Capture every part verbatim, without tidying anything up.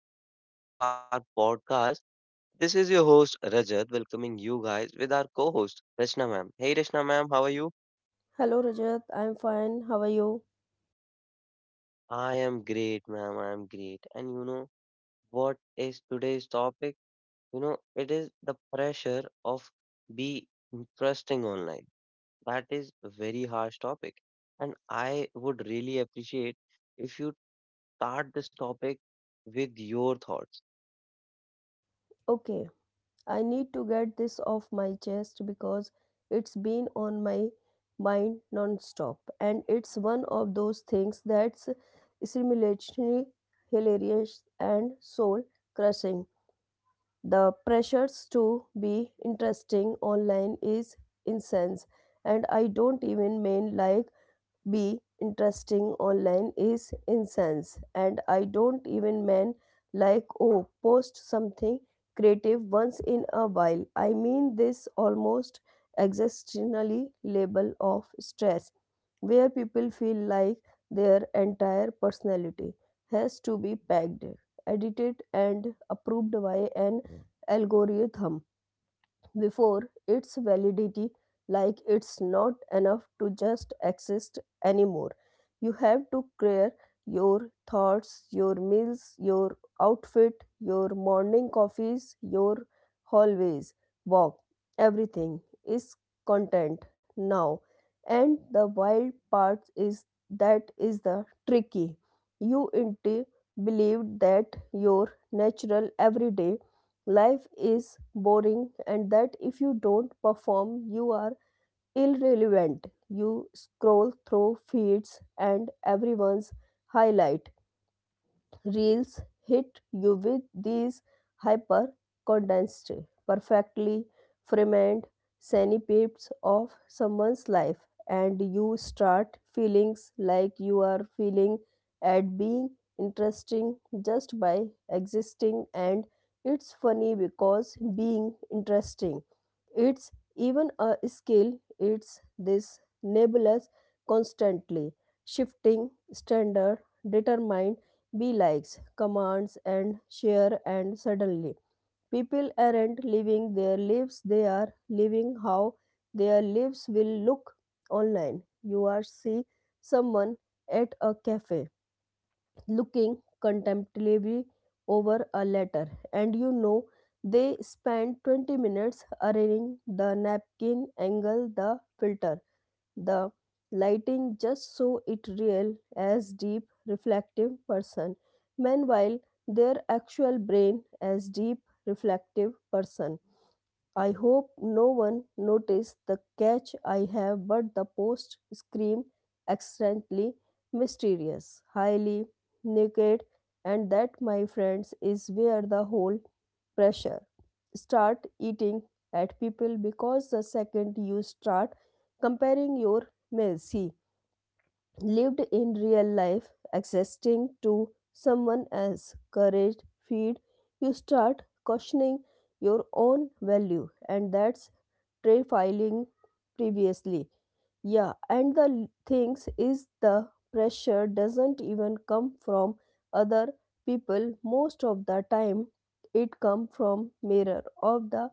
to another episode of our podcast. This is your host Rajat, welcoming you guys with our co-host Rachna ma'am. Hey, Rachna ma'am, how are you? Hello Rajat, I'm fine. How are you? I am great, ma'am. I am great. And you know what is today's topic? You know, it is the pressure of be interesting online. That is a very harsh topic, and I would really appreciate if you start this topic with your thoughts. Okay, I need to get this off my chest because it's been on my mind non-stop, and it's one of those things that's simultaneously hilarious and soul crushing. The pressures to be interesting online is intense, and I don't even mean like be interesting online is incense and I don't even man like oh post something creative once in a while I mean this almost existentially label of stress where people feel like their entire personality has to be packed edited and approved by an algorithm before its validity like it's not enough to just exist anymore. You have to clear your thoughts, your meals, your outfit, your morning coffees, your hallways walk. Everything is content now, and the wild part is that is the tricky you into believed that your natural everyday life is boring, and that if you don't perform, you are irrelevant. You scroll through feeds and everyone's highlight reels hit you with these hyper condensed, perfectly framed snippets of someone's life, and you start feeling like you are feeling at being interesting just by existing. And it's funny because being interesting, it's even a skill, it's this nebulous, constantly shifting standard determined be likes, commands, and share, and suddenly. People aren't living their lives, they are living how their lives will look online. You are see someone at a cafe looking contemplatively over a letter, and you know they spent twenty minutes arranging the napkin angle, the filter the lighting just so it real as deep reflective person. Meanwhile their actual brain as deep reflective person I hope no one noticed the catch I have but the post scream extremely mysterious highly naked. And that, my friends, is where the whole pressure start eating at people because the second you start comparing your meals he lived in real life existing to someone else courage feed, you start questioning your own value, and that's trade filing previously. Yeah, and the things is the pressure doesn't even come from other people most of the time, it come from mirror of the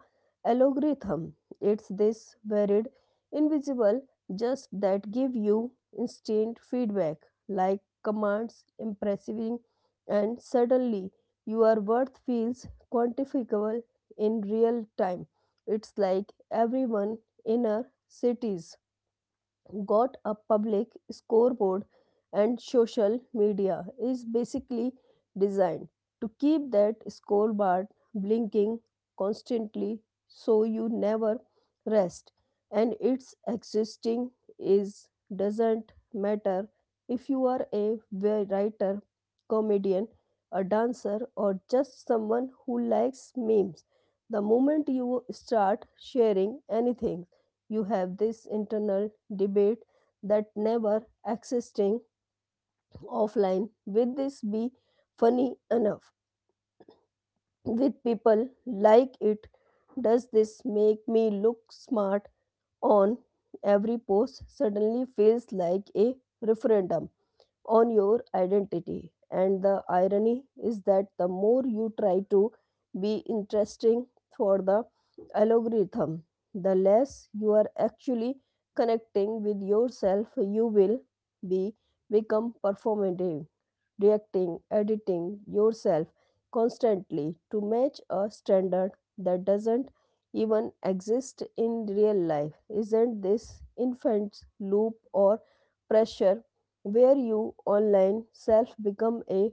algorithm. It's this varied invisible just that give you instant feedback like commands impressing, and suddenly your worth feels quantifiable in real time. It's like everyone in our cities got a public scoreboard, and social media is basically designed to keep that scoreboard blinking constantly so you never rest. And its existing is doesn't matter if you are a writer, comedian, a dancer or just someone who likes memes. The moment you start sharing anything, you have this internal debate that never existing offline. Will this be funny enough with people like it? Does this make me look smart on every post? Suddenly feels like a referendum on your identity. And the irony is that the more you try to be interesting for the algorithm, the less you are actually connecting with yourself. You will be become performative reacting, editing yourself constantly to match a standard that doesn't even exist in real life. Isn't this infant's loop or pressure where you online self become a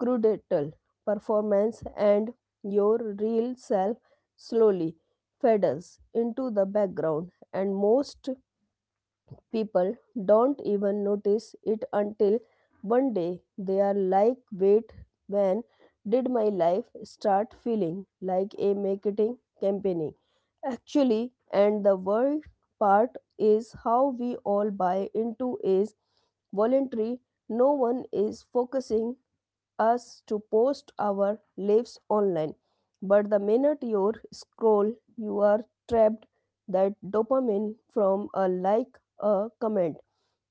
crudatal performance and your real self slowly fades into the background, and most people don't even notice it until one day they are like, wait, when did my life start feeling like a marketing campaign? Actually, and the world part is how we all buy into is voluntary. No one is focusing us to post our lives online. But the minute you scroll, you are trapped. That dopamine from a like, a comment,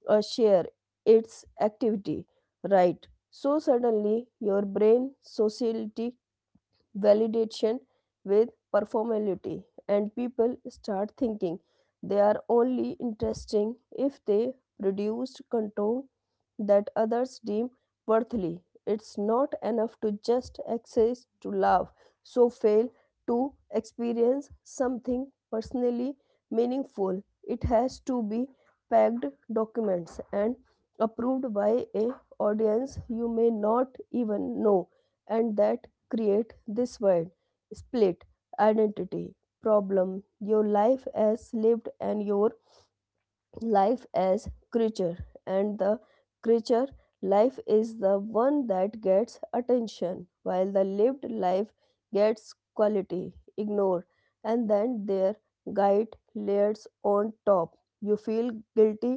a share, its activity, right? So suddenly your brain sociality validation with performality, and people start thinking they are only interesting if they produced content that others deem worthily. It's not enough to just access to love, so fail to experience something personally meaningful. It has to be packed documents and approved by a audience you may not even know, and that create this wide split identity problem. Your life as lived and your life as creature, and the creature life is the one that gets attention while the lived life gets quality ignored. And then their guide layers on top. You feel guilty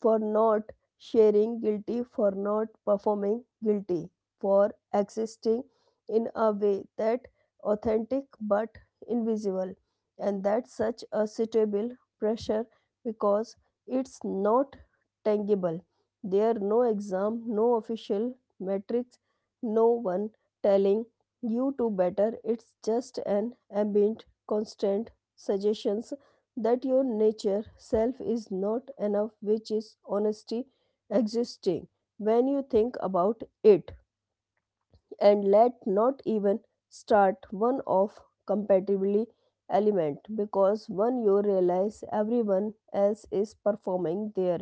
for not sharing, guilty for not performing, guilty for existing in a way that authentic but invisible, and that's such a suitable pressure because it's not tangible. There are no exam, no official metrics, no one telling you to better. It's just an ambient, constant suggestions that your nature self is not enough, which is honesty existing when you think about it. And let not even start one of compatibility element because when you realize everyone else is performing their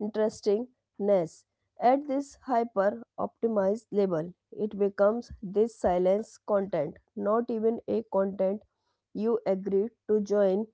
interestingness at this hyper optimized level, it becomes this silence content not even a content you agree to join.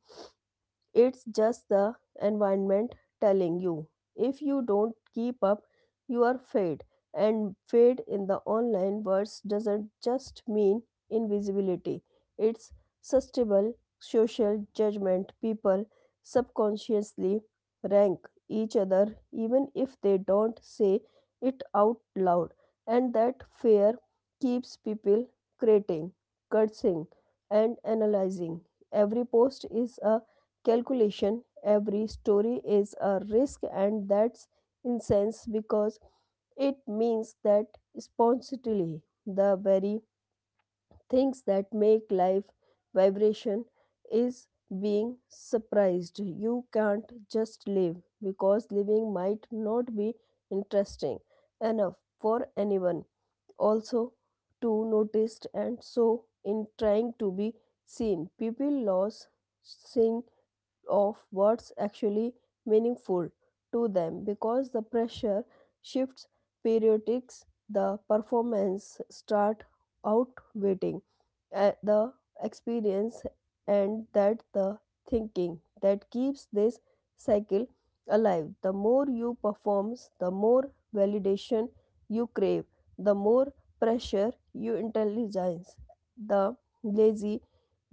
It's just the environment telling you if you don't keep up, you are fade. And fade in the online words doesn't just mean invisibility, it's sustainable social judgment. People subconsciously rank each other even if they don't say it out loud, and that fear keeps people creating, cursing, and analyzing. Every post is a calculation. Every story is a risk, and that's incense because it means that spontaneity, the very things that make life vibration, is being surprised. You can't just live because living might not be interesting enough for anyone also to notice, and so in trying to be seen, people lose seeing of what's actually meaningful to them because the pressure shifts periodics the performance start outweighing uh, the experience, and that the thinking that keeps this cycle alive. The more you performs, the more validation you crave, the more pressure you intelligence, the lazy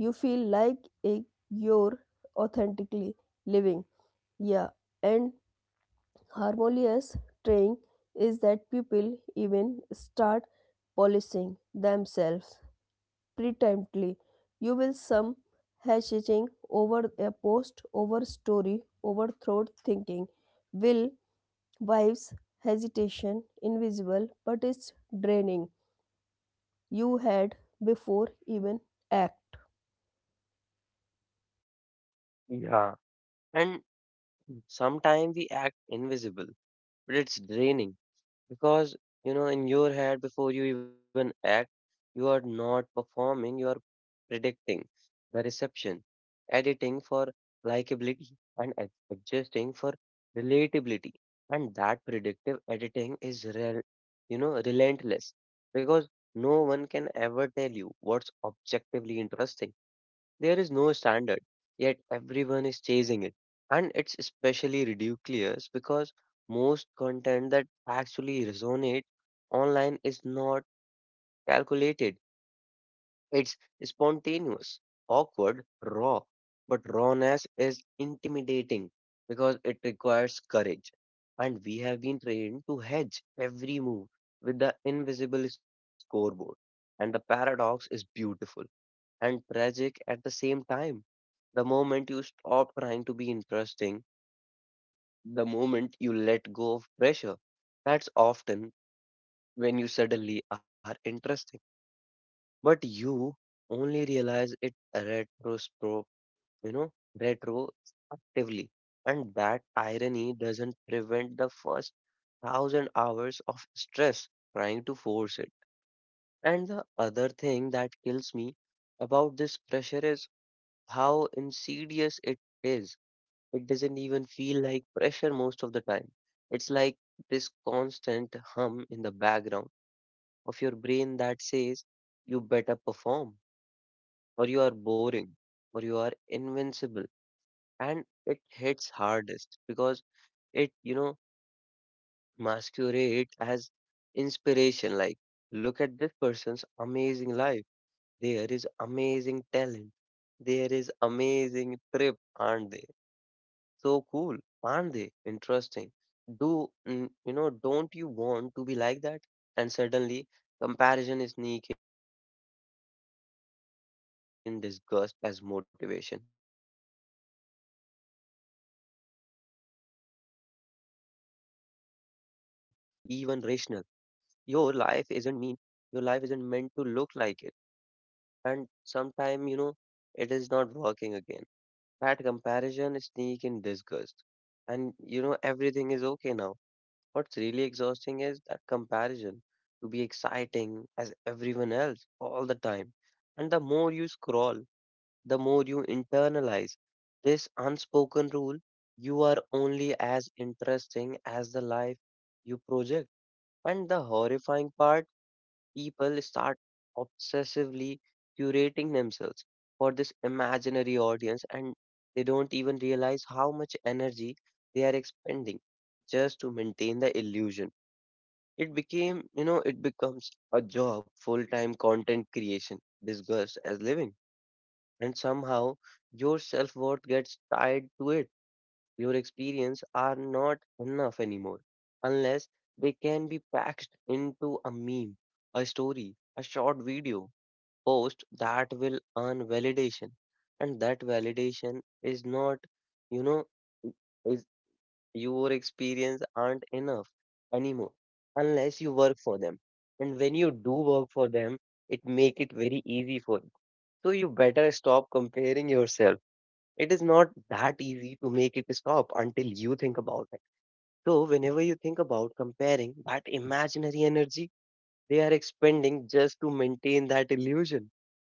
you feel like a your authentically living. Yeah, and harmonious training is that people even start polishing themselves pretently. You will some hashing over a post, over story, overthrow thinking, will wives hesitation, invisible, but it's draining. You had before even act. Yeah, and sometimes we act invisible, but it's draining because you know in your head before you even act, you are not performing, you are predicting the reception, editing for likability, and ad- adjusting for relatability. And that predictive editing is rel- you know relentless because no one can ever tell you what's objectively interesting, there is no standard, yet everyone is chasing it. And it's especially ridiculous because most content that actually resonates online is not calculated. It's spontaneous, awkward, raw. But rawness is intimidating because it requires courage. And we have been trained to hedge every move with the invisible scoreboard. And the paradox is beautiful and tragic at the same time. The moment you stop trying to be interesting, the moment you let go of pressure, that's often when you suddenly are interesting. But you only realize it retrospro, you know, retrospectively. And that irony doesn't prevent the first thousand hours of stress trying to force it. And the other thing that kills me about this pressure is how insidious it is. It doesn't even feel like pressure most of the time. It's like this constant hum in the background of your brain that says, you better perform, or you are boring, or you are invincible. And it hits hardest because it, you know, masquerades as inspiration. Like, look at this person's amazing life. There is amazing talent. There is amazing trip, aren't they so cool, aren't they interesting? Do mm, you know, Don't you want to be like that? And suddenly, comparison is sneak in disgust as motivation, but it's actually anxiety in a shiny wrapper. And what's really exhausting is that this comparison isn't even rational. Your life isn't mean, your life isn't meant to look like it, and sometime, you know, it is not working again. That comparison sneak in disgust. And you know, everything is okay now. What's really exhausting is that comparison to be exciting as everyone else all the time. And the more you scroll, the more you internalize this unspoken rule, you are only as interesting as the life you project. And the horrifying part, people start obsessively curating themselves for this imaginary audience and they don't even realize how much energy they are expending just to maintain the illusion. It became you know it becomes a job, full time content creation disguised as living, and somehow your self worth gets tied to it. Your experience are not enough anymore unless they can be packed into a meme, a story, a short video post that will earn validation. And that validation is not, you know, is your experience aren't enough anymore unless you work for them, and when you do work for them it make it very easy for you, so you better stop comparing yourself. It is not that easy to make it stop until you think about it. So, whenever you think about comparing that imaginary energy they are expending just to maintain that illusion,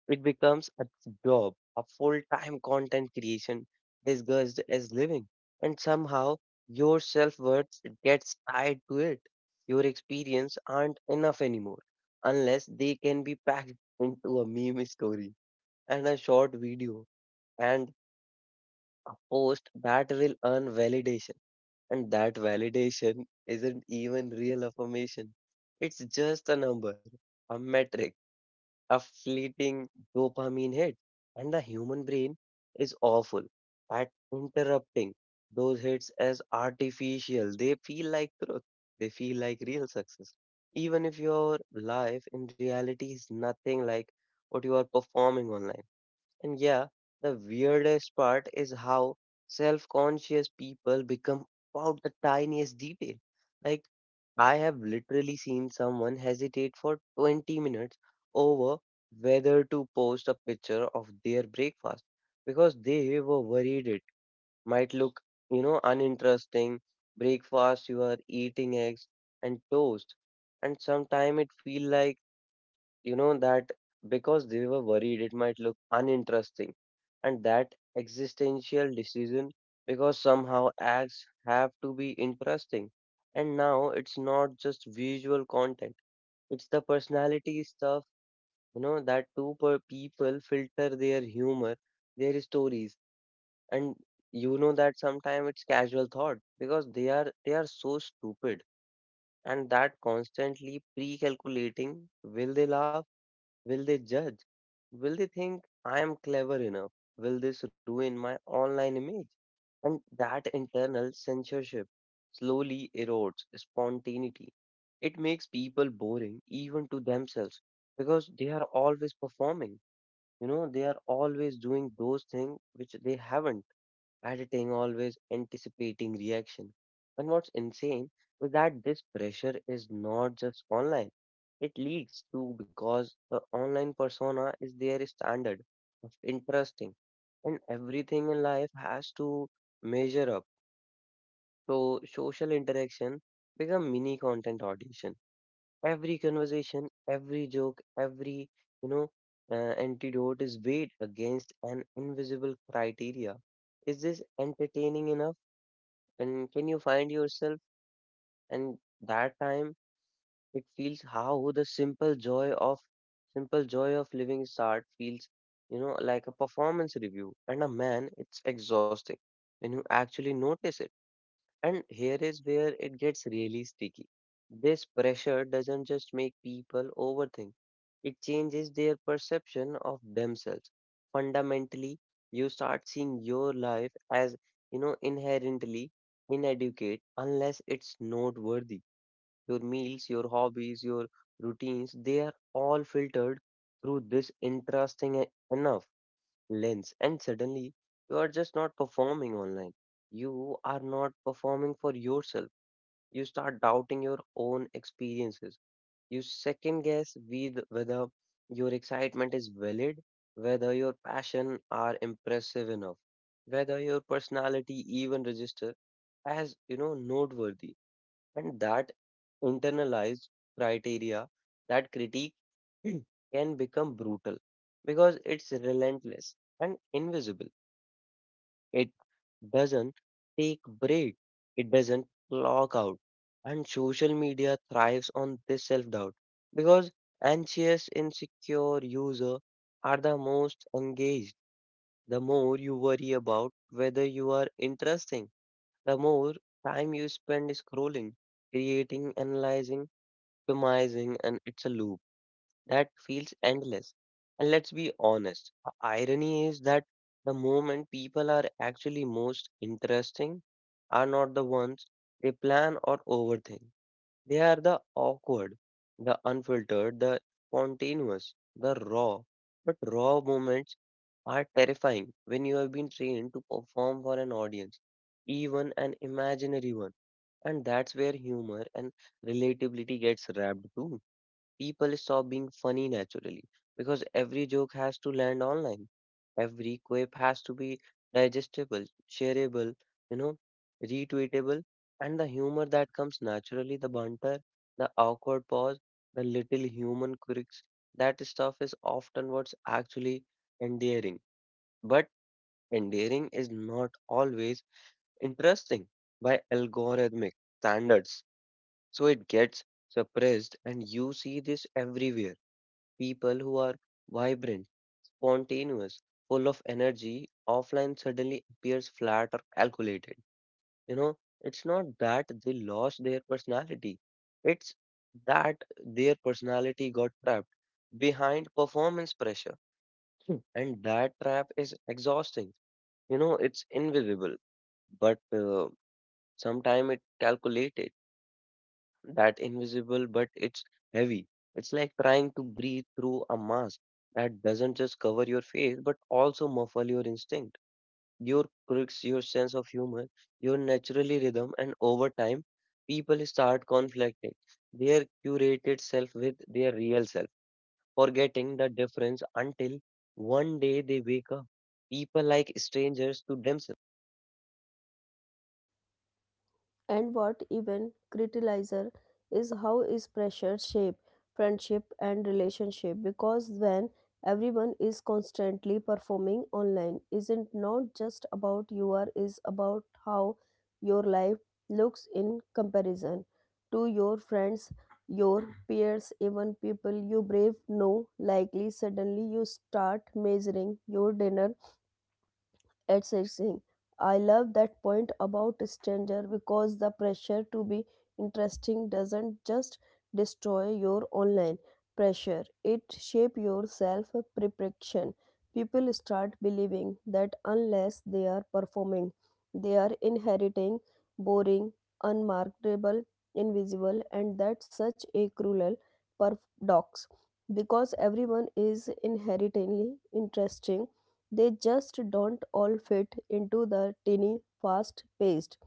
it becomes a job, a full time content creation disguised as living. And somehow your self worth gets tied to it. Your experience aren't enough anymore unless they can be packed into a meme story and a short video and a post that will earn validation. And that validation isn't even real affirmation. It's just a number, a metric, a fleeting dopamine hit. And the human brain is awful at interrupting those hits as artificial. They feel like truth, they feel like real success, even if your life in reality is nothing like what you are performing online. And yeah, the weirdest part is how self conscious people become about the tiniest detail. Like, I have literally seen someone hesitate for twenty minutes over whether to post a picture of their breakfast because they were worried it might look, you know, uninteresting. Breakfast, you are eating eggs and toast, and sometimes it feel like, you know that because they were worried it might look uninteresting, and that existential decision, because somehow acts have to be interesting. And now it's not just visual content, it's the personality stuff. You know that Two per people filter their humor, their stories, and you know that sometimes it's casual thought because they are they are so stupid. And that constantly pre-calculating, will they laugh? Will they judge? Will they think I am clever enough? Will this ruin my online image? And that internal censorship slowly erodes spontaneity. It makes people boring even to themselves because they are always performing. You know, they are always doing those things which they haven't, editing, always anticipating reaction. And what's insane is that this pressure is not just online. It leaks too, because the online persona is their standard of interesting and everything in life has to measure up. So social interaction become mini content audition. Every conversation, every joke, every you know uh, antidote is weighed against an invisible criteria. Is this entertaining enough? And can you find yourself? And that time it feels how the simple joy of simple joy of living start feels, you know, like a performance review. And a man, it's exhausting when you actually notice it. And here is where it gets really sticky. This pressure doesn't just make people overthink, it changes their perception of themselves. Fundamentally, you start seeing your life as, you know, inherently inadequate unless it's noteworthy. Your meals, your hobbies, your routines, they are all filtered through this interesting e- enough lens, and suddenly you are just not performing online, you are not performing for yourself. You start doubting your own experiences, you second guess with whether your excitement is valid, whether your passion are impressive enough, whether your personality even register as, you know noteworthy. And that internalized criteria, that critique can become brutal because it's relentless and invisible. It doesn't take break, it doesn't clock out. And social media thrives on this self-doubt because anxious, insecure user are the most engaged. The more you worry about whether you are interesting, the more time you spend scrolling, creating, analyzing, optimizing, and it's a loop that feels endless. And let's be honest, the irony is that the moment people are actually most interesting are not the ones they plan or overthink. They are the awkward, the unfiltered, the spontaneous, the raw. But raw moments are terrifying when you have been trained to perform for an audience, even an imaginary one. And that's where humor and relatability gets wrapped too. People stop being funny naturally because every joke has to land online. Every quip has to be digestible, shareable, you know, retweetable. And the humor that comes naturally, the banter, the awkward pause, the little human quirks, that stuff is often what's actually endearing. But endearing is not always interesting by algorithmic standards. So it gets suppressed, and you see this everywhere. People who are vibrant, spontaneous, full of energy, offline suddenly appears flat or calculated. You know, it's not that they lost their personality, it's that their personality got trapped behind performance pressure. Hmm. And that trap is exhausting. You know, it's invisible, but uh, sometimes it calculated, that invisible, but it's heavy. It's like trying to breathe through a mask that doesn't just cover your face, but also muffle your instinct, your quirks, your sense of humor, your naturally rhythm. And over time, people start conflicting their curated self with their real self, forgetting the difference until one day they wake up. People like strangers to themselves. And what even criticizer is how is pressure shape friendship and relationship because when everyone is constantly performing online isn't not just about you are is about how your life looks in comparison to your friends your peers even people you brave know likely suddenly you start measuring your dinner it's exciting. I love that point about stranger because the pressure to be interesting doesn't just destroy your online pressure. It shape your self perception. People start believing that unless they are performing, they are inheriting boring, unmarketable, invisible, and that's such a cruel paradox because everyone is inherently interesting. They just don't all fit into the tiny, fast paced,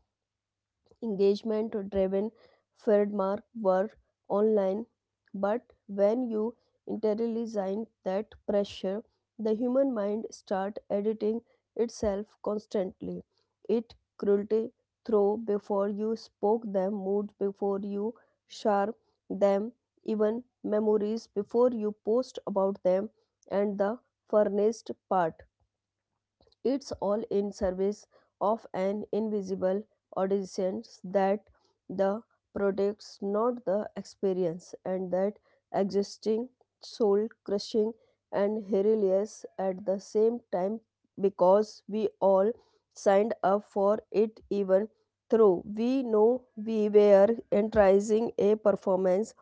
engagement driven framework were online. But when you internalize that pressure, the human mind start editing itself constantly. It cruelty through before you spoke them, mood before you share them, even memories before you post about them, and the furnished part, it's all in service of an invisible audience that the products, not the experience, and that existing soul crushing and hilarious at the same time because we all signed up for it even though we know we were enticing a performance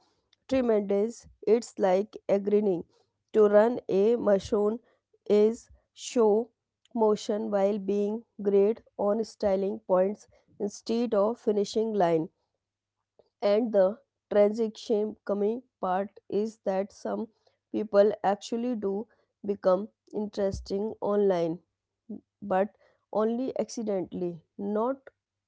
tremendous. It's like agreeing to run a machine is show motion while being great on styling points instead of finishing line. And the tragic shame coming part is that some people actually do become interesting online, but only accidentally, not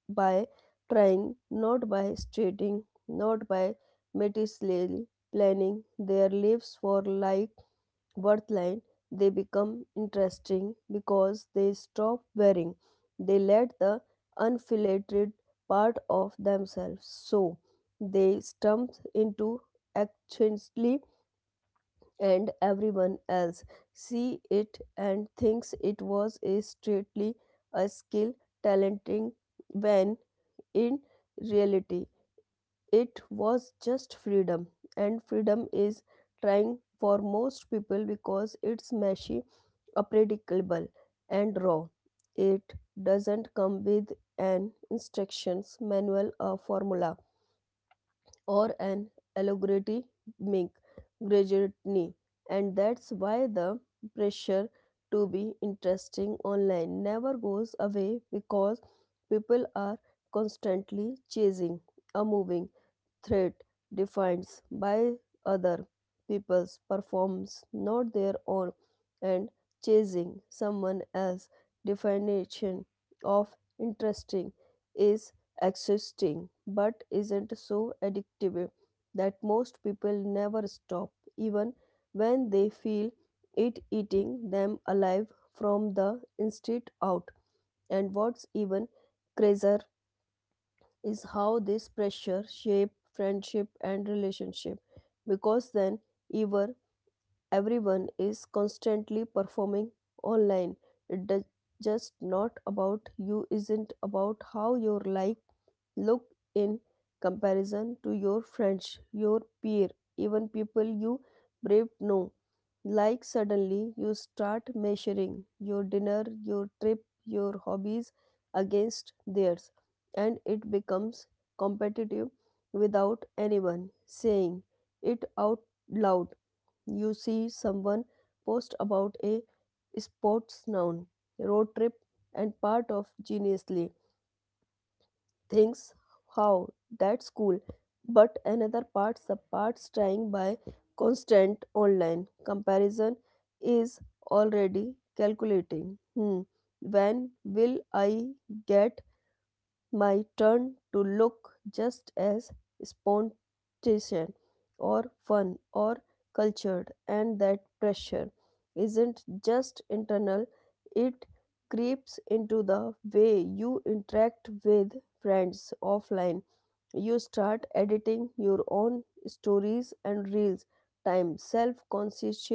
by trying, not by stating, not by meticulously planning their lives for like worth. They become interesting because they stop wearing. They let the unfiltered part of themselves. So they stump into accidentally and everyone else see it and thinks it was a strictly a skill talenting when in reality it was just freedom, and freedom is trying for most people because it's messy unpredictable and raw. It doesn't come with an instructions manual or formula or an allegory make gradually, and that's why the pressure to be interesting online never goes away because people are constantly chasing a moving threat defined by other people's performance, not their own, and chasing someone else's definition of interesting is existing but isn't so addictive that most people never stop, even when they feel it eating them alive from the inside out. And what's even crazier is how this pressure shape friendship and relationship because then ever everyone is constantly performing online. It does just not about you isn't about how your life look in comparison to your friends, your peer, even people you brave know. Like suddenly you start measuring your dinner, your trip, your hobbies against theirs, and it becomes competitive without anyone saying it out loud. You see someone post about a sports noun, road trip, and part of geniusly thinks, how? That's cool. But another part subparts trying by constant online comparison is already calculating. Hmm. When will I get my turn to look just as spontaneous or fun or cultured? And that pressure isn't just internal, it creeps into the way you interact with friends offline. You start editing your own stories and reels, time self-conscious,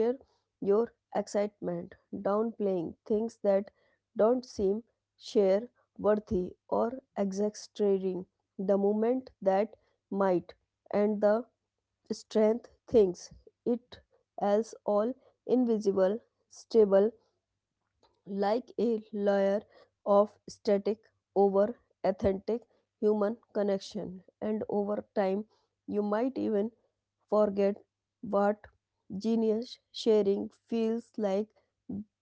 your excitement, downplaying things that don't seem share worthy or exaggerating the moment that might. And the strength thinks it as all invisible, stable, like a layer of static over authentic human connection. And over time you might even forget what genius sharing feels like,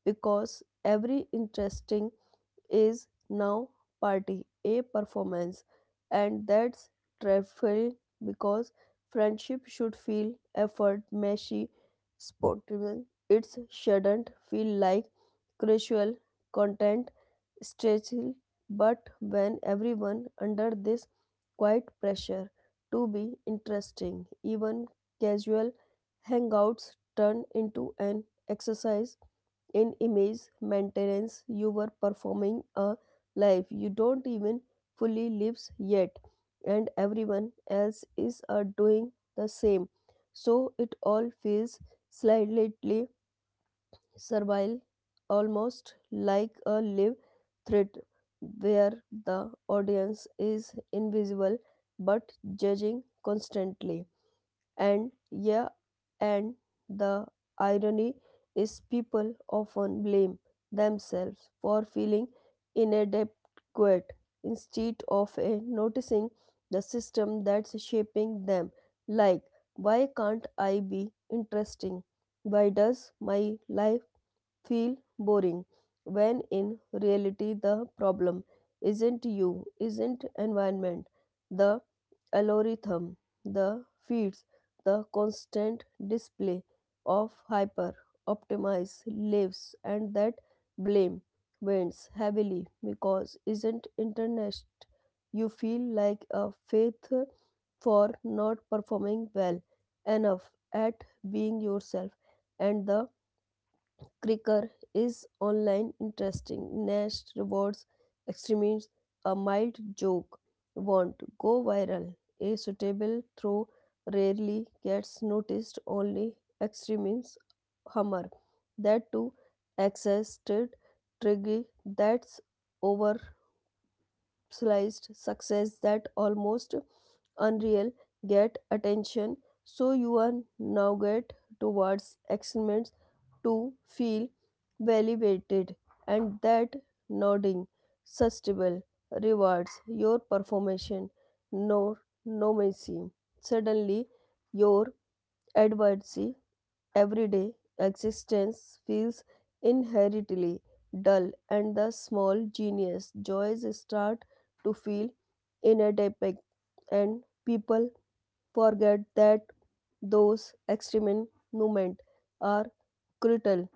because every interesting is now party a performance. And that's dreadful because friendship should feel effort messy, spontaneous. It shouldn't feel like casual content stretching. But when everyone under this quiet pressure to be interesting, even casual hangouts turn into an exercise in image maintenance. You were performing a life you don't even fully lives yet, and everyone else is uh, doing the same, so it all feels slightly servile, almost like a live thread where the audience is invisible but judging constantly. And yeah, and the irony is, people often blame themselves for feeling inadequate instead of eh, noticing the system that's shaping them. Like, why can't I be interesting? Why does my life feel boring, when in reality the problem isn't you, isn't environment, the algorithm, the feeds, the constant display of hyper optimized lives. And that blame winds heavily because isn't internet you feel like a faith for not performing well enough at being yourself. And the Cricker is online interesting. Nash rewards extremes. A mild joke won't go viral. A suitable throw rarely gets noticed. Only extremes hummer. That too, exhausted, triggy. That's over sliced success that almost unreal get attention, so you are now get towards excellence to feel validated. And that nodding sustainable rewards your performance, no no mercy suddenly your adversity. Everyday existence feels inherently dull, and the small genius joys start to feel inadequate, and people forget that those extreme moments are crucial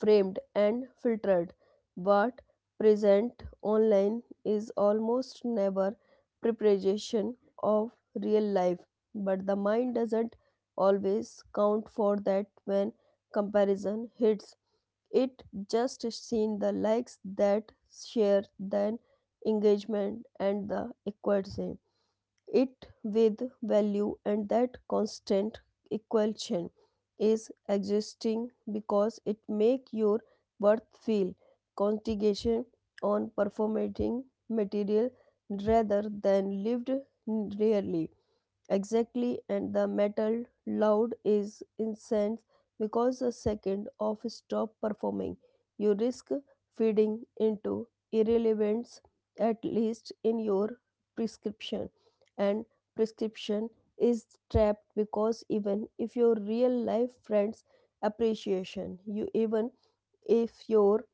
framed and filtered, but present online is almost never preparation of real life. But the mind doesn't always count for that when comparison hits. It just seen the likes that share, then engagement and the equity it with value, and that constant equation is existing because it make your worth feel contingent on performating material rather than lived really. Exactly, and the metal loud is incense because a second of stop performing, you risk feeding into irrelevance, at least in your prescription. And prescription is trapped because even if your real life friends appreciation, you, even if your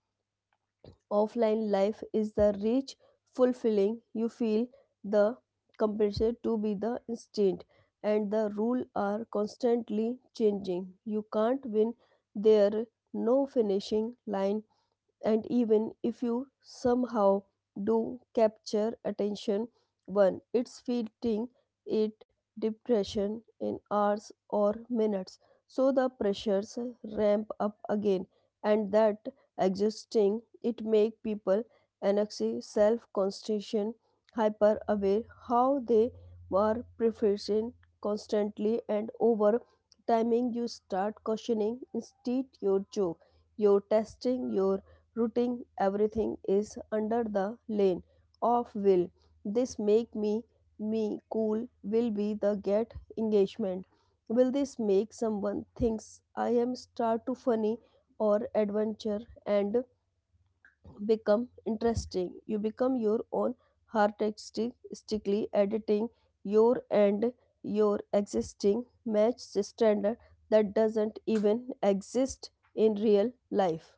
offline life is the rich, fulfilling, you feel the compulsion to be the instinct, and the rules are constantly changing. You can't win there, no finishing line, and even if you somehow do capture attention, one it's fleeting. It depression in hours or minutes, so the pressures ramp up again. And that exhausting it make people anxiety self concentration, hyper aware how they were preferring constantly, and over timing you start questioning instead your joke, your testing, your rooting, everything is under the lane of will. This make me me cool will be the get engagement. Will this make someone thinks I am star too funny or adventure and become interesting? You become your own stickly editing your and your existing match standard that doesn't even exist in real life.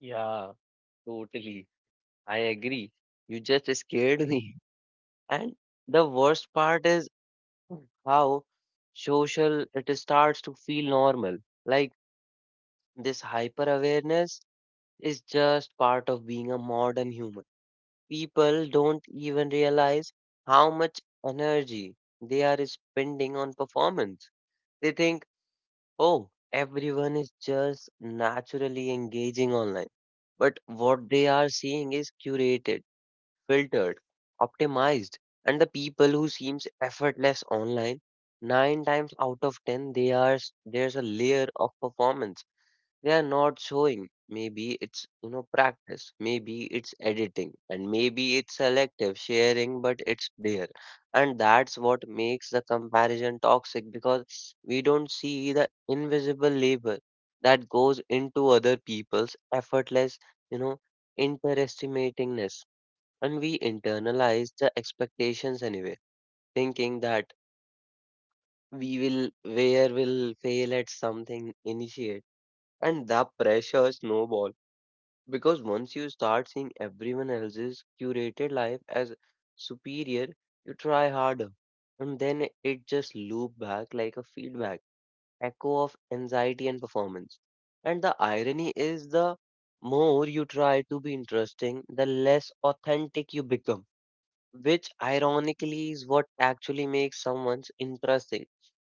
Yeah, totally. I agree. You just scared me. And the worst part is how social it starts to feel normal. Like this hyper awareness is just part of being a modern human. People don't even realize how much energy they are spending on performance. They think, oh, everyone is just naturally engaging online. But what they are seeing is curated, filtered, optimized, and the people who seems effortless online, nine times out of ten they are s- there's a layer of performance they are not showing. Maybe it's, you know practice, maybe it's editing, and maybe it's selective sharing, but it's there. And that's what makes the comparison toxic because we don't see the invisible labor that goes into other people's effortless, you know, interestimatingness, and we internalize the expectations anyway, thinking that we will where will fail at something initiate. And that pressure snowball because once you start seeing everyone else's curated life as superior, you try harder, and then it just loop back like a feedback echo of anxiety and performance. And the irony is the more you try to be interesting, the less authentic you become, which ironically is what actually makes someone's interesting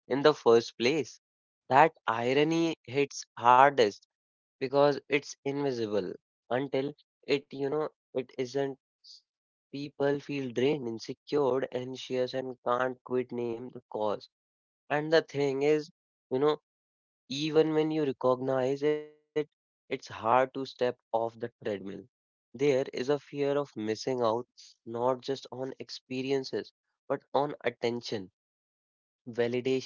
in the first place. That irony hits hardest because it's invisible until it, you know, it isn't. People feel drained, insecure, anxious, and can't quite name the cause. And the thing is, you know, even when you recognize it, it's hard to step off the treadmill. There is a fear of missing out, not just on experiences, but on attention, validation,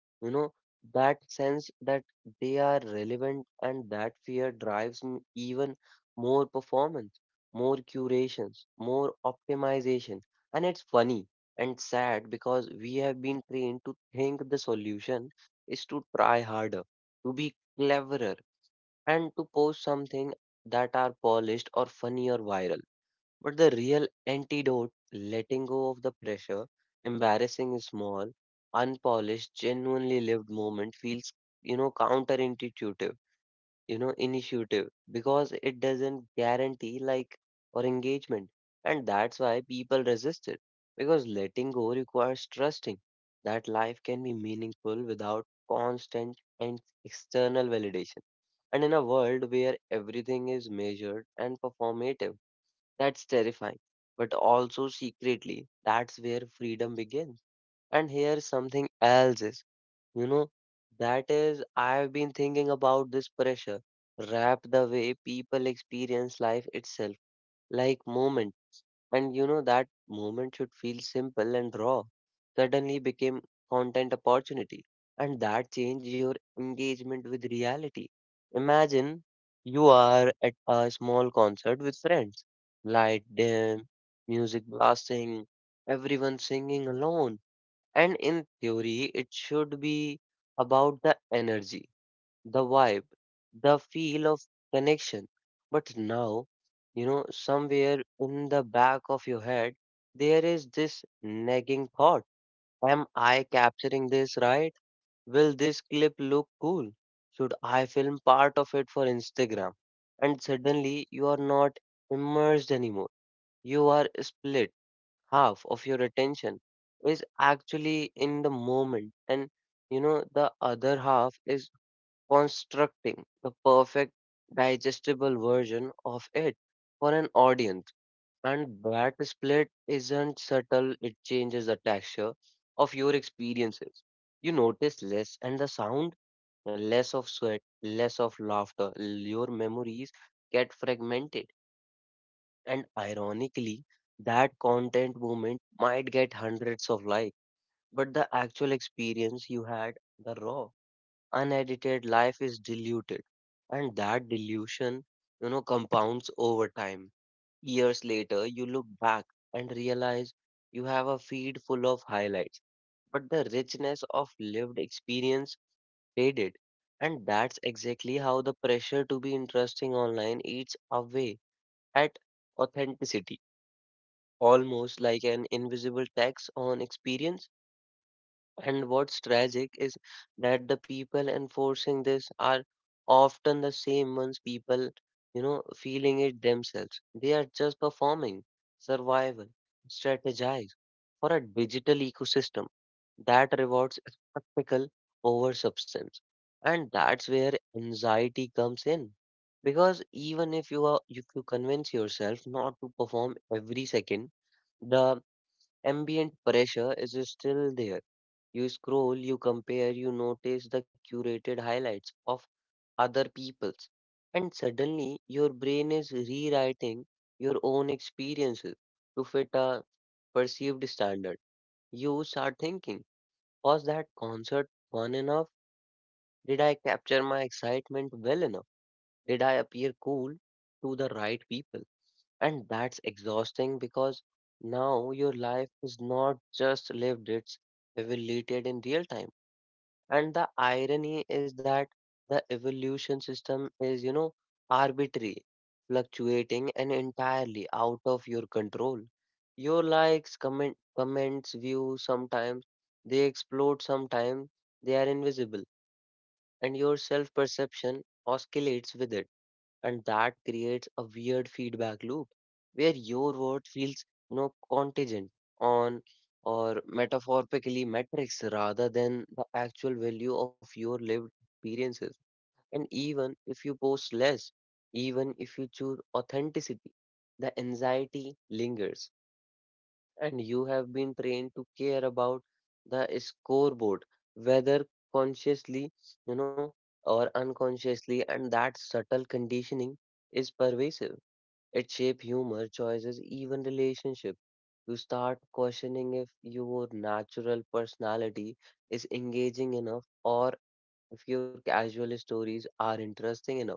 you know, that sense that they are relevant, and that fear drives m- even more performance, more curations, more optimization. And it's funny and sad because we have been trained to think the solution is to try harder, to be cleverer, and to post something that are polished or funny or viral. But the real antidote, letting go of the pressure, embarrassing small, unpolished, genuinely lived moment feels, you know, counterintuitive, you know, initiative because it doesn't guarantee like or engagement. And that's why people resist it, because letting go requires trusting that life can be meaningful without constant and external validation. And in a world where everything is measured and performative, that's terrifying. But also secretly, that's where freedom begins. And here something else is, you know, that is, I've been thinking about this pressure wrapped the way people experience life itself, like moment. And you know that moment should feel simple and raw. Suddenly became content opportunity, and that changed your engagement with reality. Imagine you are at a small concert with friends, light dim, music blasting, everyone singing alone, and in theory it should be about the energy, the vibe, the feel of connection. But now, you know, somewhere in the back of your head, there is this nagging thought. Am I capturing this right? Will this clip look cool? Should I film part of it for Instagram? And suddenly you are not immersed anymore. You are split. Half of your attention is actually in the moment, and you know, the other half is constructing the perfect digestible version of it for an audience. And that split isn't subtle, it changes the texture of your experiences. You notice less and the sound, less of sweat, less of laughter. Your memories get fragmented. And ironically, that content moment might get hundreds of likes, but the actual experience you had, the raw unedited life is diluted. And that dilution you know compounds over time. Years later you look back and realize you have a feed full of highlights, but the richness of lived experience faded. And that's exactly how the pressure to be interesting online eats away at authenticity, almost like an invisible tax on experience. And what's tragic is that the people enforcing this are often the same ones people, you know, feeling it themselves. They are just performing survival, strategize for a digital ecosystem that rewards spectacle over substance. And that's where anxiety comes in. Because even if you are if you convince yourself not to perform every second, the ambient pressure is still there. You scroll, you compare, you notice the curated highlights of other people's, and suddenly your brain is rewriting your own experiences to fit a perceived standard. You start thinking, was that concert fun enough? Did I capture my excitement well enough? Did I appear cool to the right people? And that's exhausting because now your life is not just lived, it's evaluated in real time. And the irony is that the evolution system is, you know, arbitrary, fluctuating, and entirely out of your control. Your likes, comment, comments, views, sometimes they explode, sometimes they are invisible, and your self perception oscillates with it. And that creates a weird feedback loop where your word feels you know contingent on or metaphorically metrics rather than the actual value of your lived experiences. And even if you post less, even if you choose authenticity, the anxiety lingers. And you have been trained to care about the scoreboard, whether consciously, you know, or unconsciously, and that subtle conditioning is pervasive. It shapes humor, choices, even relationship. You start questioning if your natural personality is engaging enough, or if your casual stories are interesting enough.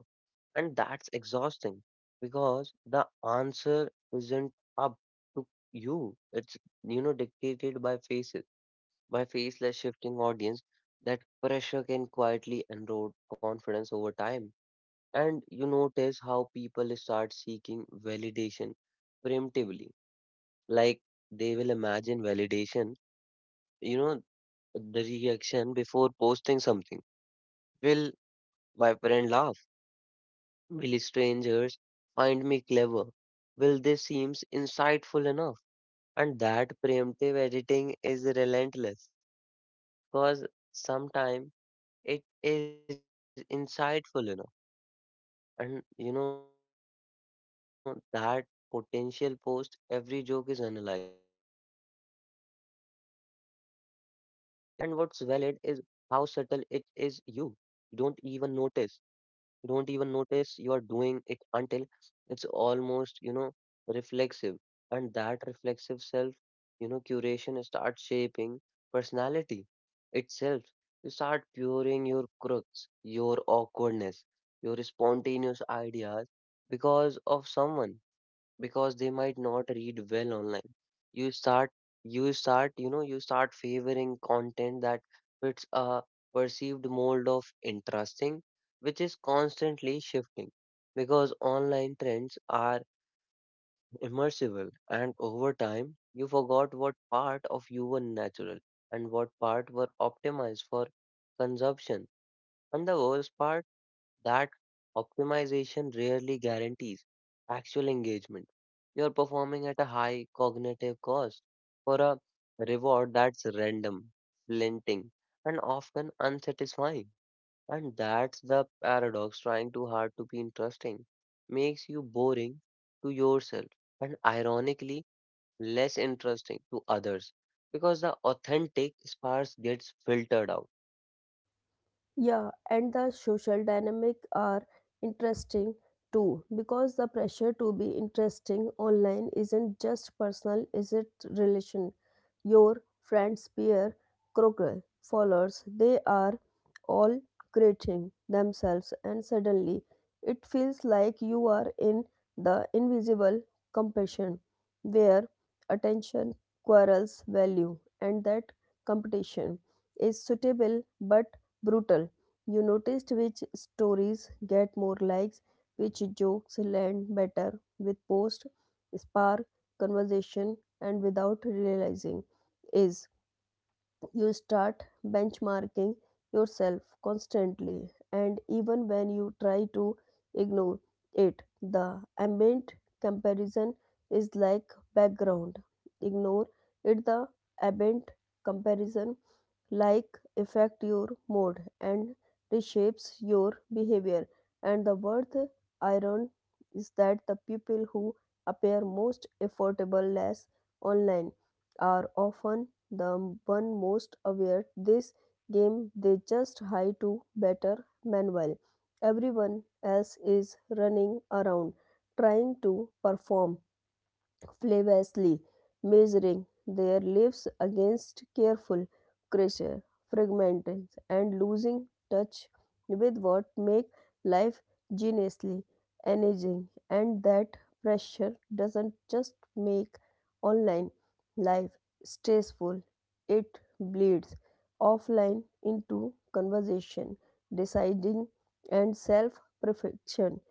And that's exhausting because the answer isn't up to you. It's, you know, dictated by faces, by faceless shifting audience. That pressure can quietly erode confidence over time. And you notice how people start seeking validation preemptively. Like, they will imagine validation, you know, the reaction before posting something. Will my friend laugh? Will strangers find me clever? Will they seem insightful enough? And that preemptive editing is relentless because sometimes it is insightful enough. And you know, that potential post, every joke is analyzed, every moment is rehearsed in your head. And what's valid is how subtle it is. You don't even notice you don't even notice you are doing it until it's almost, you know, reflexive. And that reflexive self, you know, curation starts shaping personality itself. You start curing your crooks, your awkwardness, your spontaneous ideas because of someone, because they might not read well online. You start you start you know you start favoring content that fits a perceived mold of interesting, which is constantly shifting because online trends are immersible. And over time you forgot what part of you were natural and what part were optimized for consumption. And the worst part, that optimization rarely guarantees actual engagement. You're performing at a high cognitive cost for a reward that's random, flinting, and often unsatisfying. And that's the paradox: trying too hard to be interesting makes you boring to yourself, and ironically less interesting to others because the authentic sparse gets filtered out. Yeah, and the social dynamic are interesting too, because the pressure to be interesting online isn't just personal, is it relation your friends, peer, crocodile, followers, they are all creating themselves, and suddenly it feels like you are in the invisible competition where attention quarrels value, and that competition is suitable but brutal. You noticed which stories get more likes, which jokes land better with post, spark, conversation, and without realizing is you start benchmarking yourself constantly. And even when you try to ignore it, the ambient comparison is like background ignore it, the ambient comparison like affect your mood and reshapes your behavior. And the worth iron is that the people who appear most affordable less online are often the one most aware this game, they just hide to better manual. Everyone else is running around trying to perform flawlessly, measuring their lives against careful pressure, fragmenting and losing touch with what make life genuinely engaging. And that pressure doesn't just make online life stressful, it bleeds offline into conversation deciding and self perfection.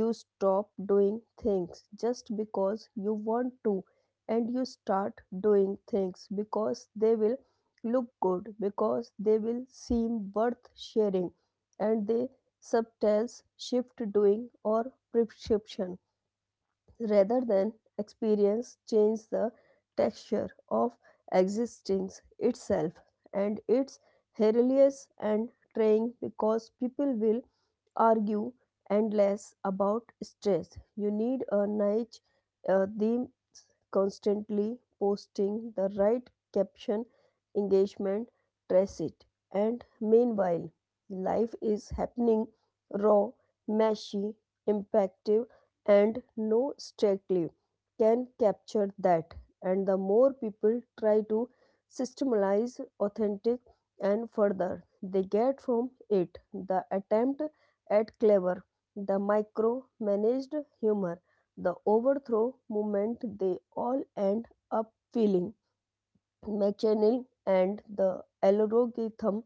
You stop doing things just because you want to, and you start doing things because they will look good, because they will seem worth sharing, and they subtitles shift doing or prescription rather than experience change the texture of existence itself. And it's hilarious and trying because people will argue endless about stress you need a niche uh, theme, constantly posting the right caption engagement trace it, and meanwhile life is happening raw, messy, impactful, and no strictly can capture that. And the more people try to systematize authentic, and further they get from it, the attempt at clever, the micro managed humor, the overthrow movement, they all end up feeling McChannel, and the algorithm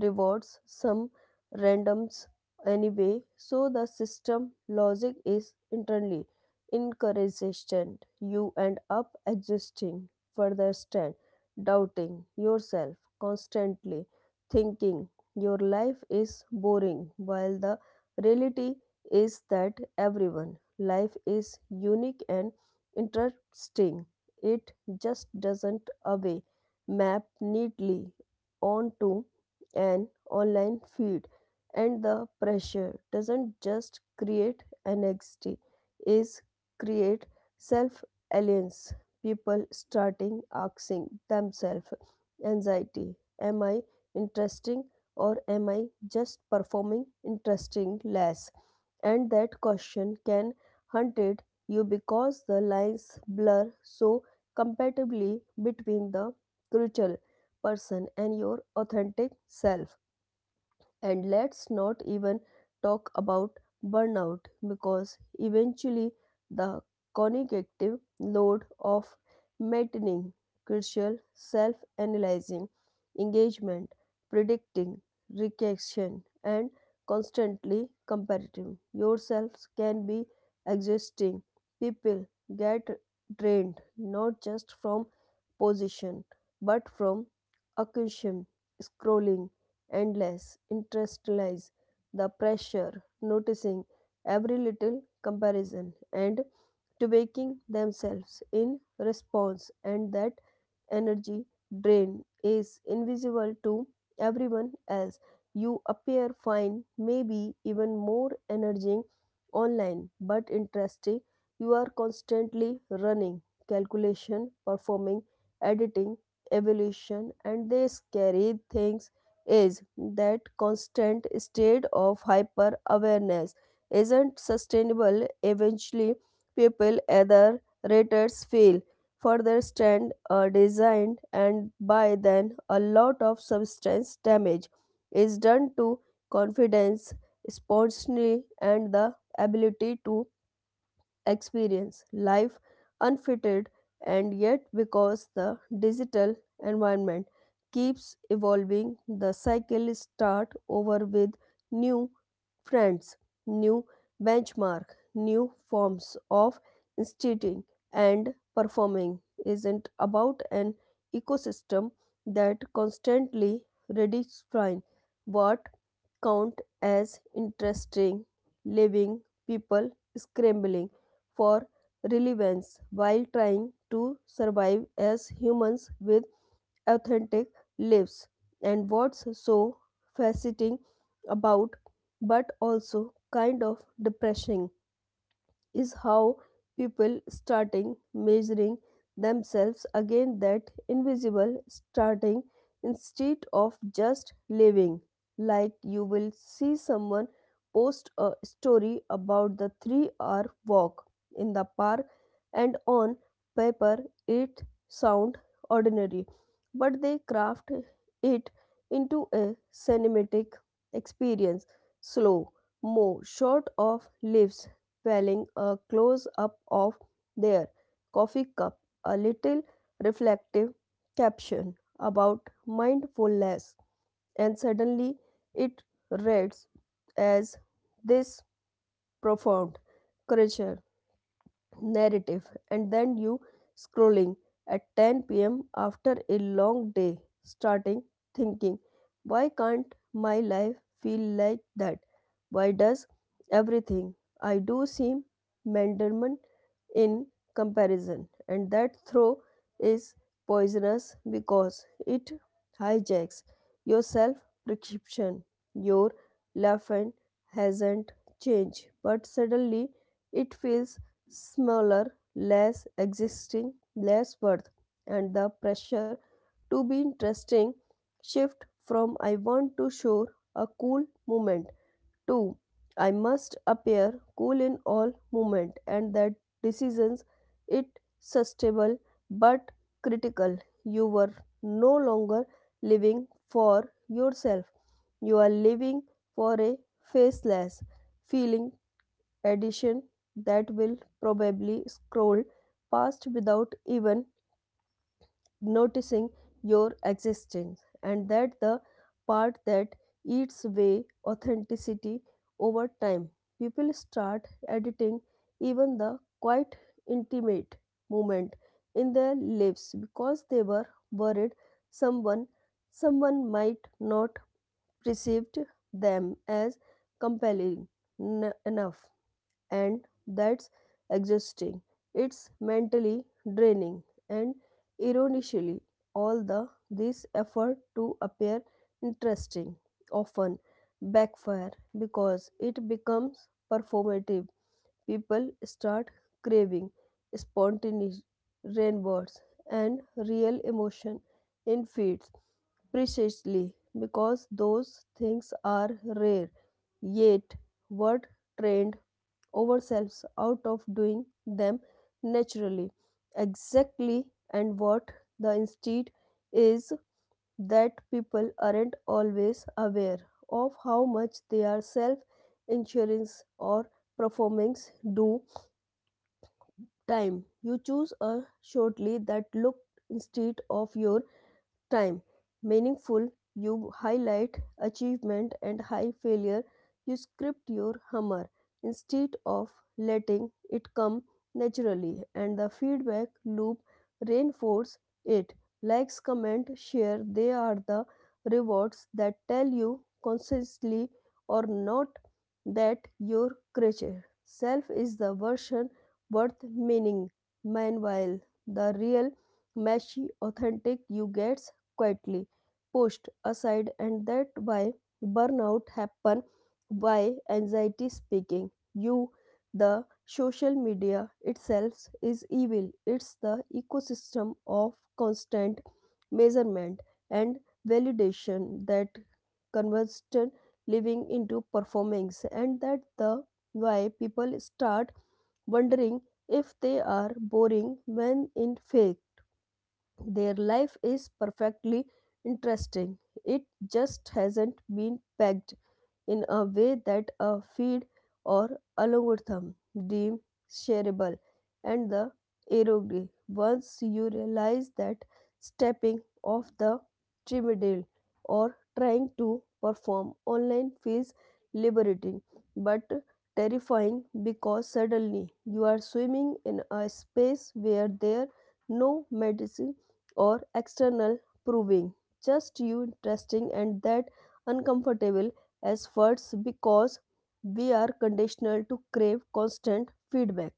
rewards some randoms anyway, so the system logic is internally inconsistent. You end up existing, further stand, doubting yourself constantly, thinking your life is boring, while the reality is that everyone life is unique and interesting. It just doesn't away map neatly onto an online feed. And the pressure doesn't just create anxiety, is create self aliens. People starting asking themselves anxiety, am I interesting or am I just performing interesting less? And that question can hunted you because the lines blur so compatibly between the crucial person and your authentic self. And let's not even talk about burnout, because eventually the cognitive load of maintaining crucial self analyzing, engagement, predicting, reaction, and constantly comparative yourselves can be exhausting. People get drained not just from position but from occasion scrolling endless, interestless, the pressure, noticing every little comparison, and to tweaking themselves in response, and that energy drain is invisible to everyone else. You appear fine, maybe even more energizing online, but interesting. You are constantly running, calculation, performing, editing, evolution, and they scary things is that constant state of hyper awareness isn't sustainable. Eventually, people either raters fail for their stand or designed, and by then, a lot of substance damage is done to confidence, spontaneity, and the ability to experience life unfitted. And yet because the digital environment keeps evolving, the cycle start over with new friends, new benchmark, new forms of instituting, and performing isn't about an ecosystem that constantly redefine what count as interesting living, people scrambling for relevance while trying to survive as humans with authentic lives. And what's so fascinating about, but also kind of depressing, is how people starting measuring themselves against that invisible starting instead of just living. Like, you will see someone post a story about the three hour walk in the park, and on paper it sound ordinary, but they craft it into a cinematic experience, slow mo, short of lives dwelling, a close up of their coffee cup, a little reflective caption about mindfulness, and suddenly it reads as this profound creature narrative. And then you scrolling at ten p m after a long day starting thinking, why can't my life feel like that? Why does everything I do seem mendement in comparison? And that throw is poisonous because it hijacks your self perception. Your life and hasn't changed, but suddenly it feels smaller, less existing, less worth, and the pressure to be interesting shift from I want to show a cool moment to I must appear cool in all moment. And that decisions it sustainable but critical. You were no longer living for yourself. You are living for a faceless feeling addition that will probably scroll past without even noticing your existence, and that the part that eats away authenticity over time. People start editing even the quite intimate moment in their lives because they were worried someone someone might not perceived them as compelling n- enough, and that's exhausting. It's mentally draining, and ironically, all the this effort to appear interesting often backfire because it becomes performative. People start craving spontaneous rainbows and real emotion in feeds precisely because those things are rare, yet what trend ourselves out of doing them naturally. Exactly, and what the instinct is that people aren't always aware of how much their self insurance or performance do time. You choose a shortly that look instead of your time meaningful, you highlight achievement and high failure, you script your humor instead of letting it come naturally, and the feedback loop reinforce it. Likes, comment, share, they are the rewards that tell you consciously or not that your creature self is the version worth meaning. Meanwhile the real meshy authentic you get quietly pushed aside, and that why burnout happen, why anxiety speaking you the social media itself is evil. It's the ecosystem of constant measurement and validation that converts living into performance, and that the why people start wondering if they are boring, when in fact their life is perfectly interesting. It just hasn't been pegged in a way that a feed or algorithm deem shareable, and the erogre. Once you realize that, stepping off the treadmill or trying to perform online feels liberating but terrifying, because suddenly you are swimming in a space where there no medicine or external proving, just you interesting, and that uncomfortable as words because we are conditional to crave constant feedback.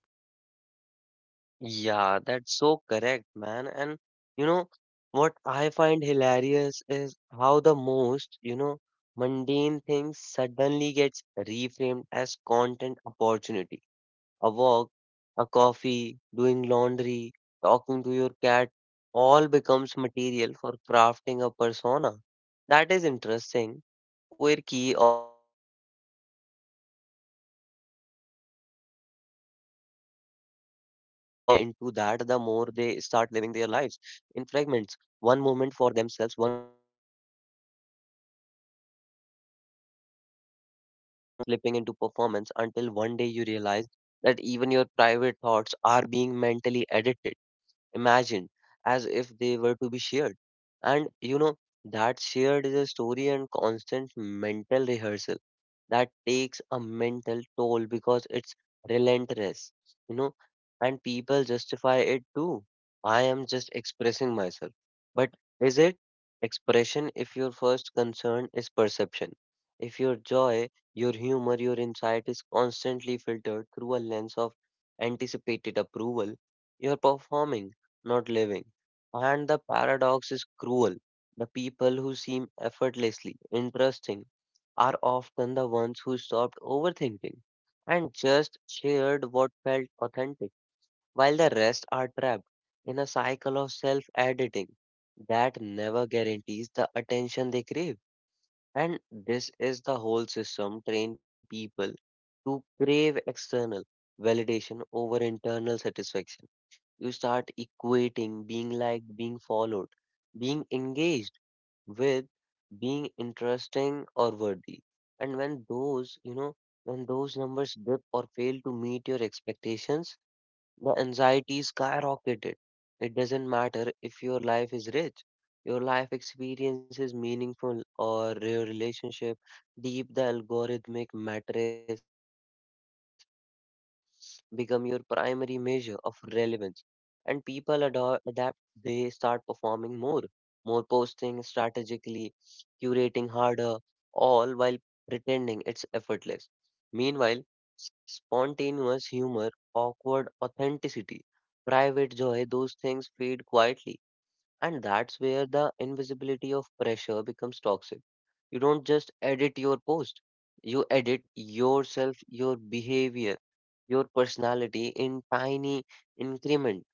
Yeah, that's so correct, man. And you know what I find hilarious is how the most, you know, mundane things suddenly gets reframed as content opportunity: a walk, a coffee, doing laundry, talking to your cat, all becomes material for crafting a persona. That is interesting, quirky, or relatable enough, and to be consumed. And the more people buy into that, the more they start living their lives in fragments. One moment for themselves, one moment for the feed, and it's subtle. You don't notice yourself slipping into performance until one day you realize that even your private thoughts are being mentally edited, imagined as if they were to be shared. And you know, that shared is a story and constant mental rehearsal that takes a mental toll because it's relentless, you know, and people justify it too. I am just expressing myself. But is it expression if your first concern is perception? If your joy, your humor, your insight is constantly filtered through a lens of anticipated approval, you're performing, not living. And the paradox is cruel. The people who seem effortlessly interesting are often the ones who stopped overthinking and just shared what felt authentic, while the rest are trapped in a cycle of self editing that never guarantees the attention they crave. And this is the whole system train people to crave external validation over internal satisfaction. You start equating being liked, being followed, being engaged with being interesting or worthy. And when those, you know, when those numbers dip or fail to meet your expectations, the anxiety skyrocketed. It doesn't matter if your life is rich, your life experience is meaningful, or your relationship deep. The algorithmic matrix become your primary measure of relevance, and people ado- adapt. They start performing more, more posting strategically, curating harder, all while pretending it's effortless. Meanwhile, spontaneous humor, awkward authenticity, private joy, those things fade quietly. And that's where the invisibility of pressure becomes toxic. You don't just edit your post, you edit yourself, your behavior, your personality in tiny increment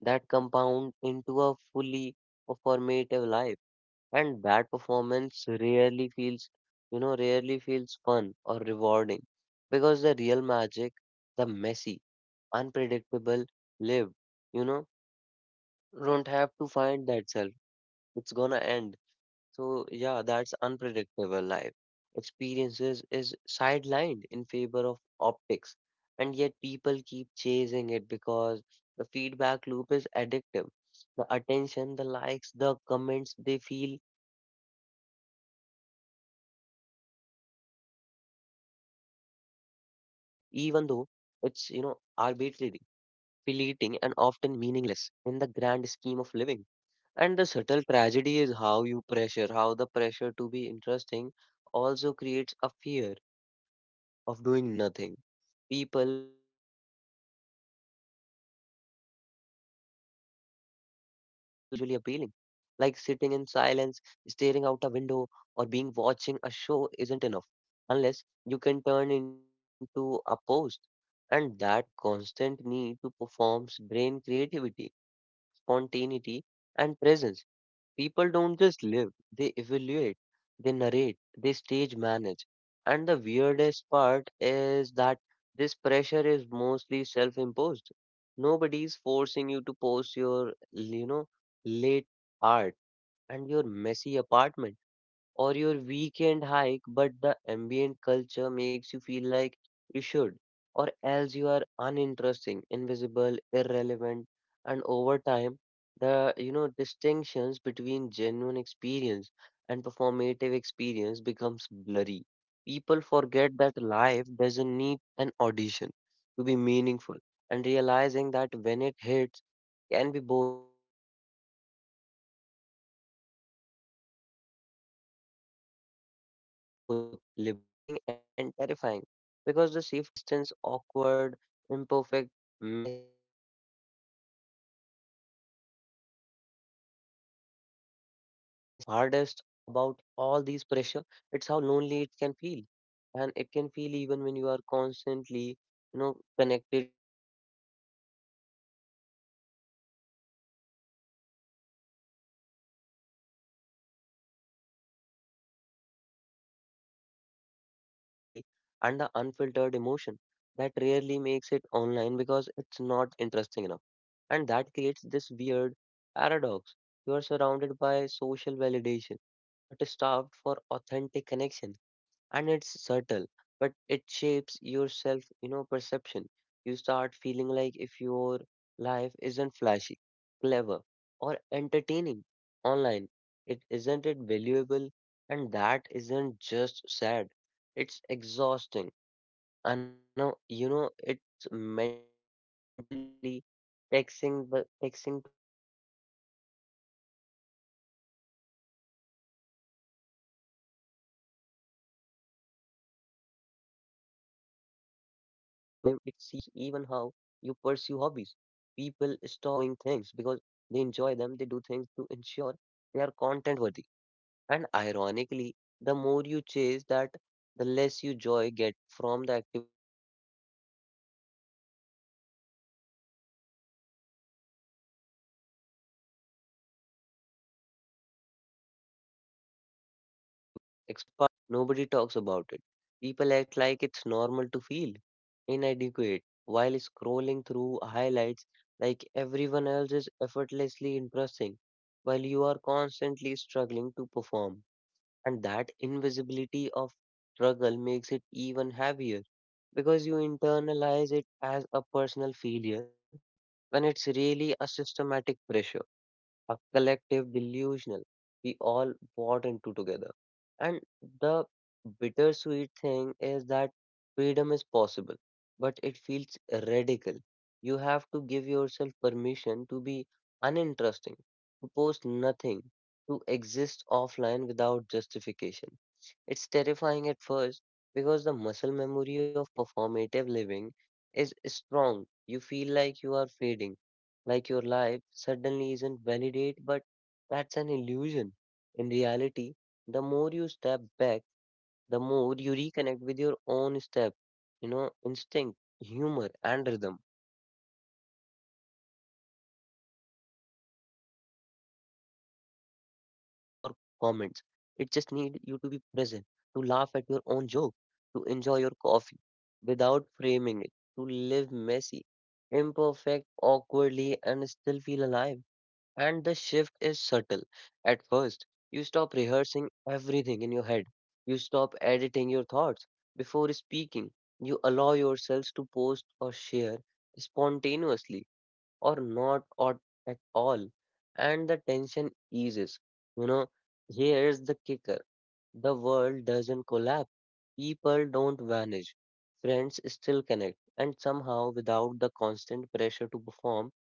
that compound into a fully performative life. And that performance rarely feels, you know, rarely feels fun or rewarding because the real magic, the messy, unpredictable, lived, you know don't have to find that self. It's gonna end. So yeah, that's unpredictable life. Experiences is sidelined in favor of optics, and yet people keep chasing it because the feedback loop is addictive. The attention, the likes, the comments, they feel like tangible proof that you are interesting enough, even though it's you know arbitrary, fleeting, and often meaningless in the grand scheme of living. And the subtle tragedy is how you pressure, how the pressure to be interesting also creates a fear of doing nothing. People feel like even their downtime must be productive or visually appealing, like sitting in silence, staring out a window, or being watching a show isn't enough unless you can turn into a post. And that constant need to perform drain creativity, spontaneity, and presence. People don't just live, they evaluate, they narrate, they stage manage. And the weirdest part is that this pressure is mostly self imposed. Nobody's forcing you to post your, you know, late art and your messy apartment or your weekend hike, but the ambient culture makes you feel like you should, or else you are uninteresting, invisible, irrelevant, and over time, the you know distinctions between genuine experience and performative experience becomes blurry. People forget that life doesn't need an audition to be meaningful, and realizing that when it hits can be both liberating and terrifying because the safety net of likes and validation disappears, and suddenly you are back to raw existence, awkward, imperfect, messy, but infinite more alive. You know what hits hardest about all these pressure? It's how lonely it can feel, and it can feel even when you are constantly, you know, connected people scrolling through, and sometimes it's like come on, man, that's more s- superficial. The deeper stuff, the awkwardness, the vulnerability, and the unfiltered emotion that rarely makes it online because it's not interesting enough. And that creates this weird paradox. You are surrounded by social validation, but is starved for authentic connection, and it's subtle but it shapes your self you know perception. You start feeling like if your life isn't flashy, clever, or entertaining online, it isn't it valuable, and that isn't just sad, it's exhausting. I know, you know it's mentally taxing, but taxing to constantly monitor, edit, and perform, and over time it seeps into everything else: conversation, ambitions, even how you pursue hobbies. People stop doing things because they enjoy them, they do things to ensure they are content worthy. And ironically, the more you chase that, the less you joy get from the activity itself. The thing should should feel freeing: living, exploring, laughing is hijacked by a silent scoreboard of likes, comments, and shares. And the worst part, nobody talks about it. People act like it's normal to feel inadequate while scrolling through highlights like everyone else is effortlessly impressing while you are constantly struggling to perform. And that invisibility of struggle makes it even heavier because you internalize it as a personal failure when it's really a systematic pressure, a collective delusional we all bought into together. And the bittersweet thing is that freedom is possible, but it feels radical. You have to give yourself permission to be uninteresting, to post nothing, to exist offline without justification. It's terrifying at first because the muscle memory of performative living is strong. You feel like you are fading, like your life suddenly isn't validate, but that's an illusion. In reality, the more you step back, the more you reconnect with your own step, you know, instinct, humor, and rhythm. You realize that authenticity doesn't need likes, views, or comments. It just needs you to be present, to laugh at your own joke, to enjoy your coffee without framing it, to live messy, imperfect, awkwardly, and still feel alive. And the shift is subtle. At first, you stop rehearsing everything in your head, you stop editing your thoughts before speaking, you allow yourselves to post or share spontaneously or not or at all, and the tension eases. You know, here's the kicker. The world doesn't collapse, people don't vanish, friends still connect, and somehow without the constant pressure to perform,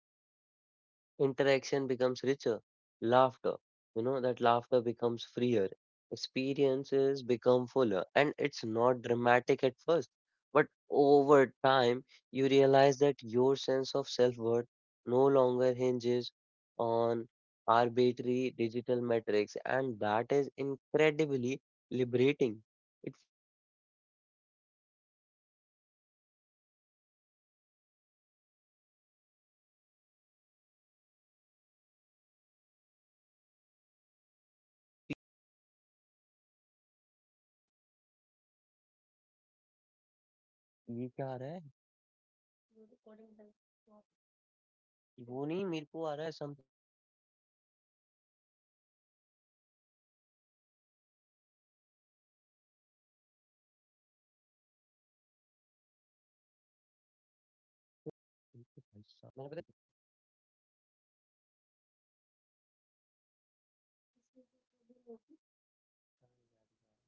interaction becomes richer. Laughter, you know, that laughter becomes freer. Experiences become fuller. And it's not dramatic at first. But over time, you realize that your sense of self worth no longer hinges on arbitrary digital metrics. And that is incredibly liberating. It feels like breathing after of holding your breath without noticing. And I think we have talked a lot in this podcast. Till then, see you bye bye. ये क्या आ रहा है? वो नहीं, मेरे को आ रहा है something went wrong. Refresh the page. पता नहीं, क्योंकि भाई साहब मैं इस नेट से बहुत परेशान हो गया। मैंने पता है बीच में नई स्क्रिप्ट बना ली थी। अपलोड करता है।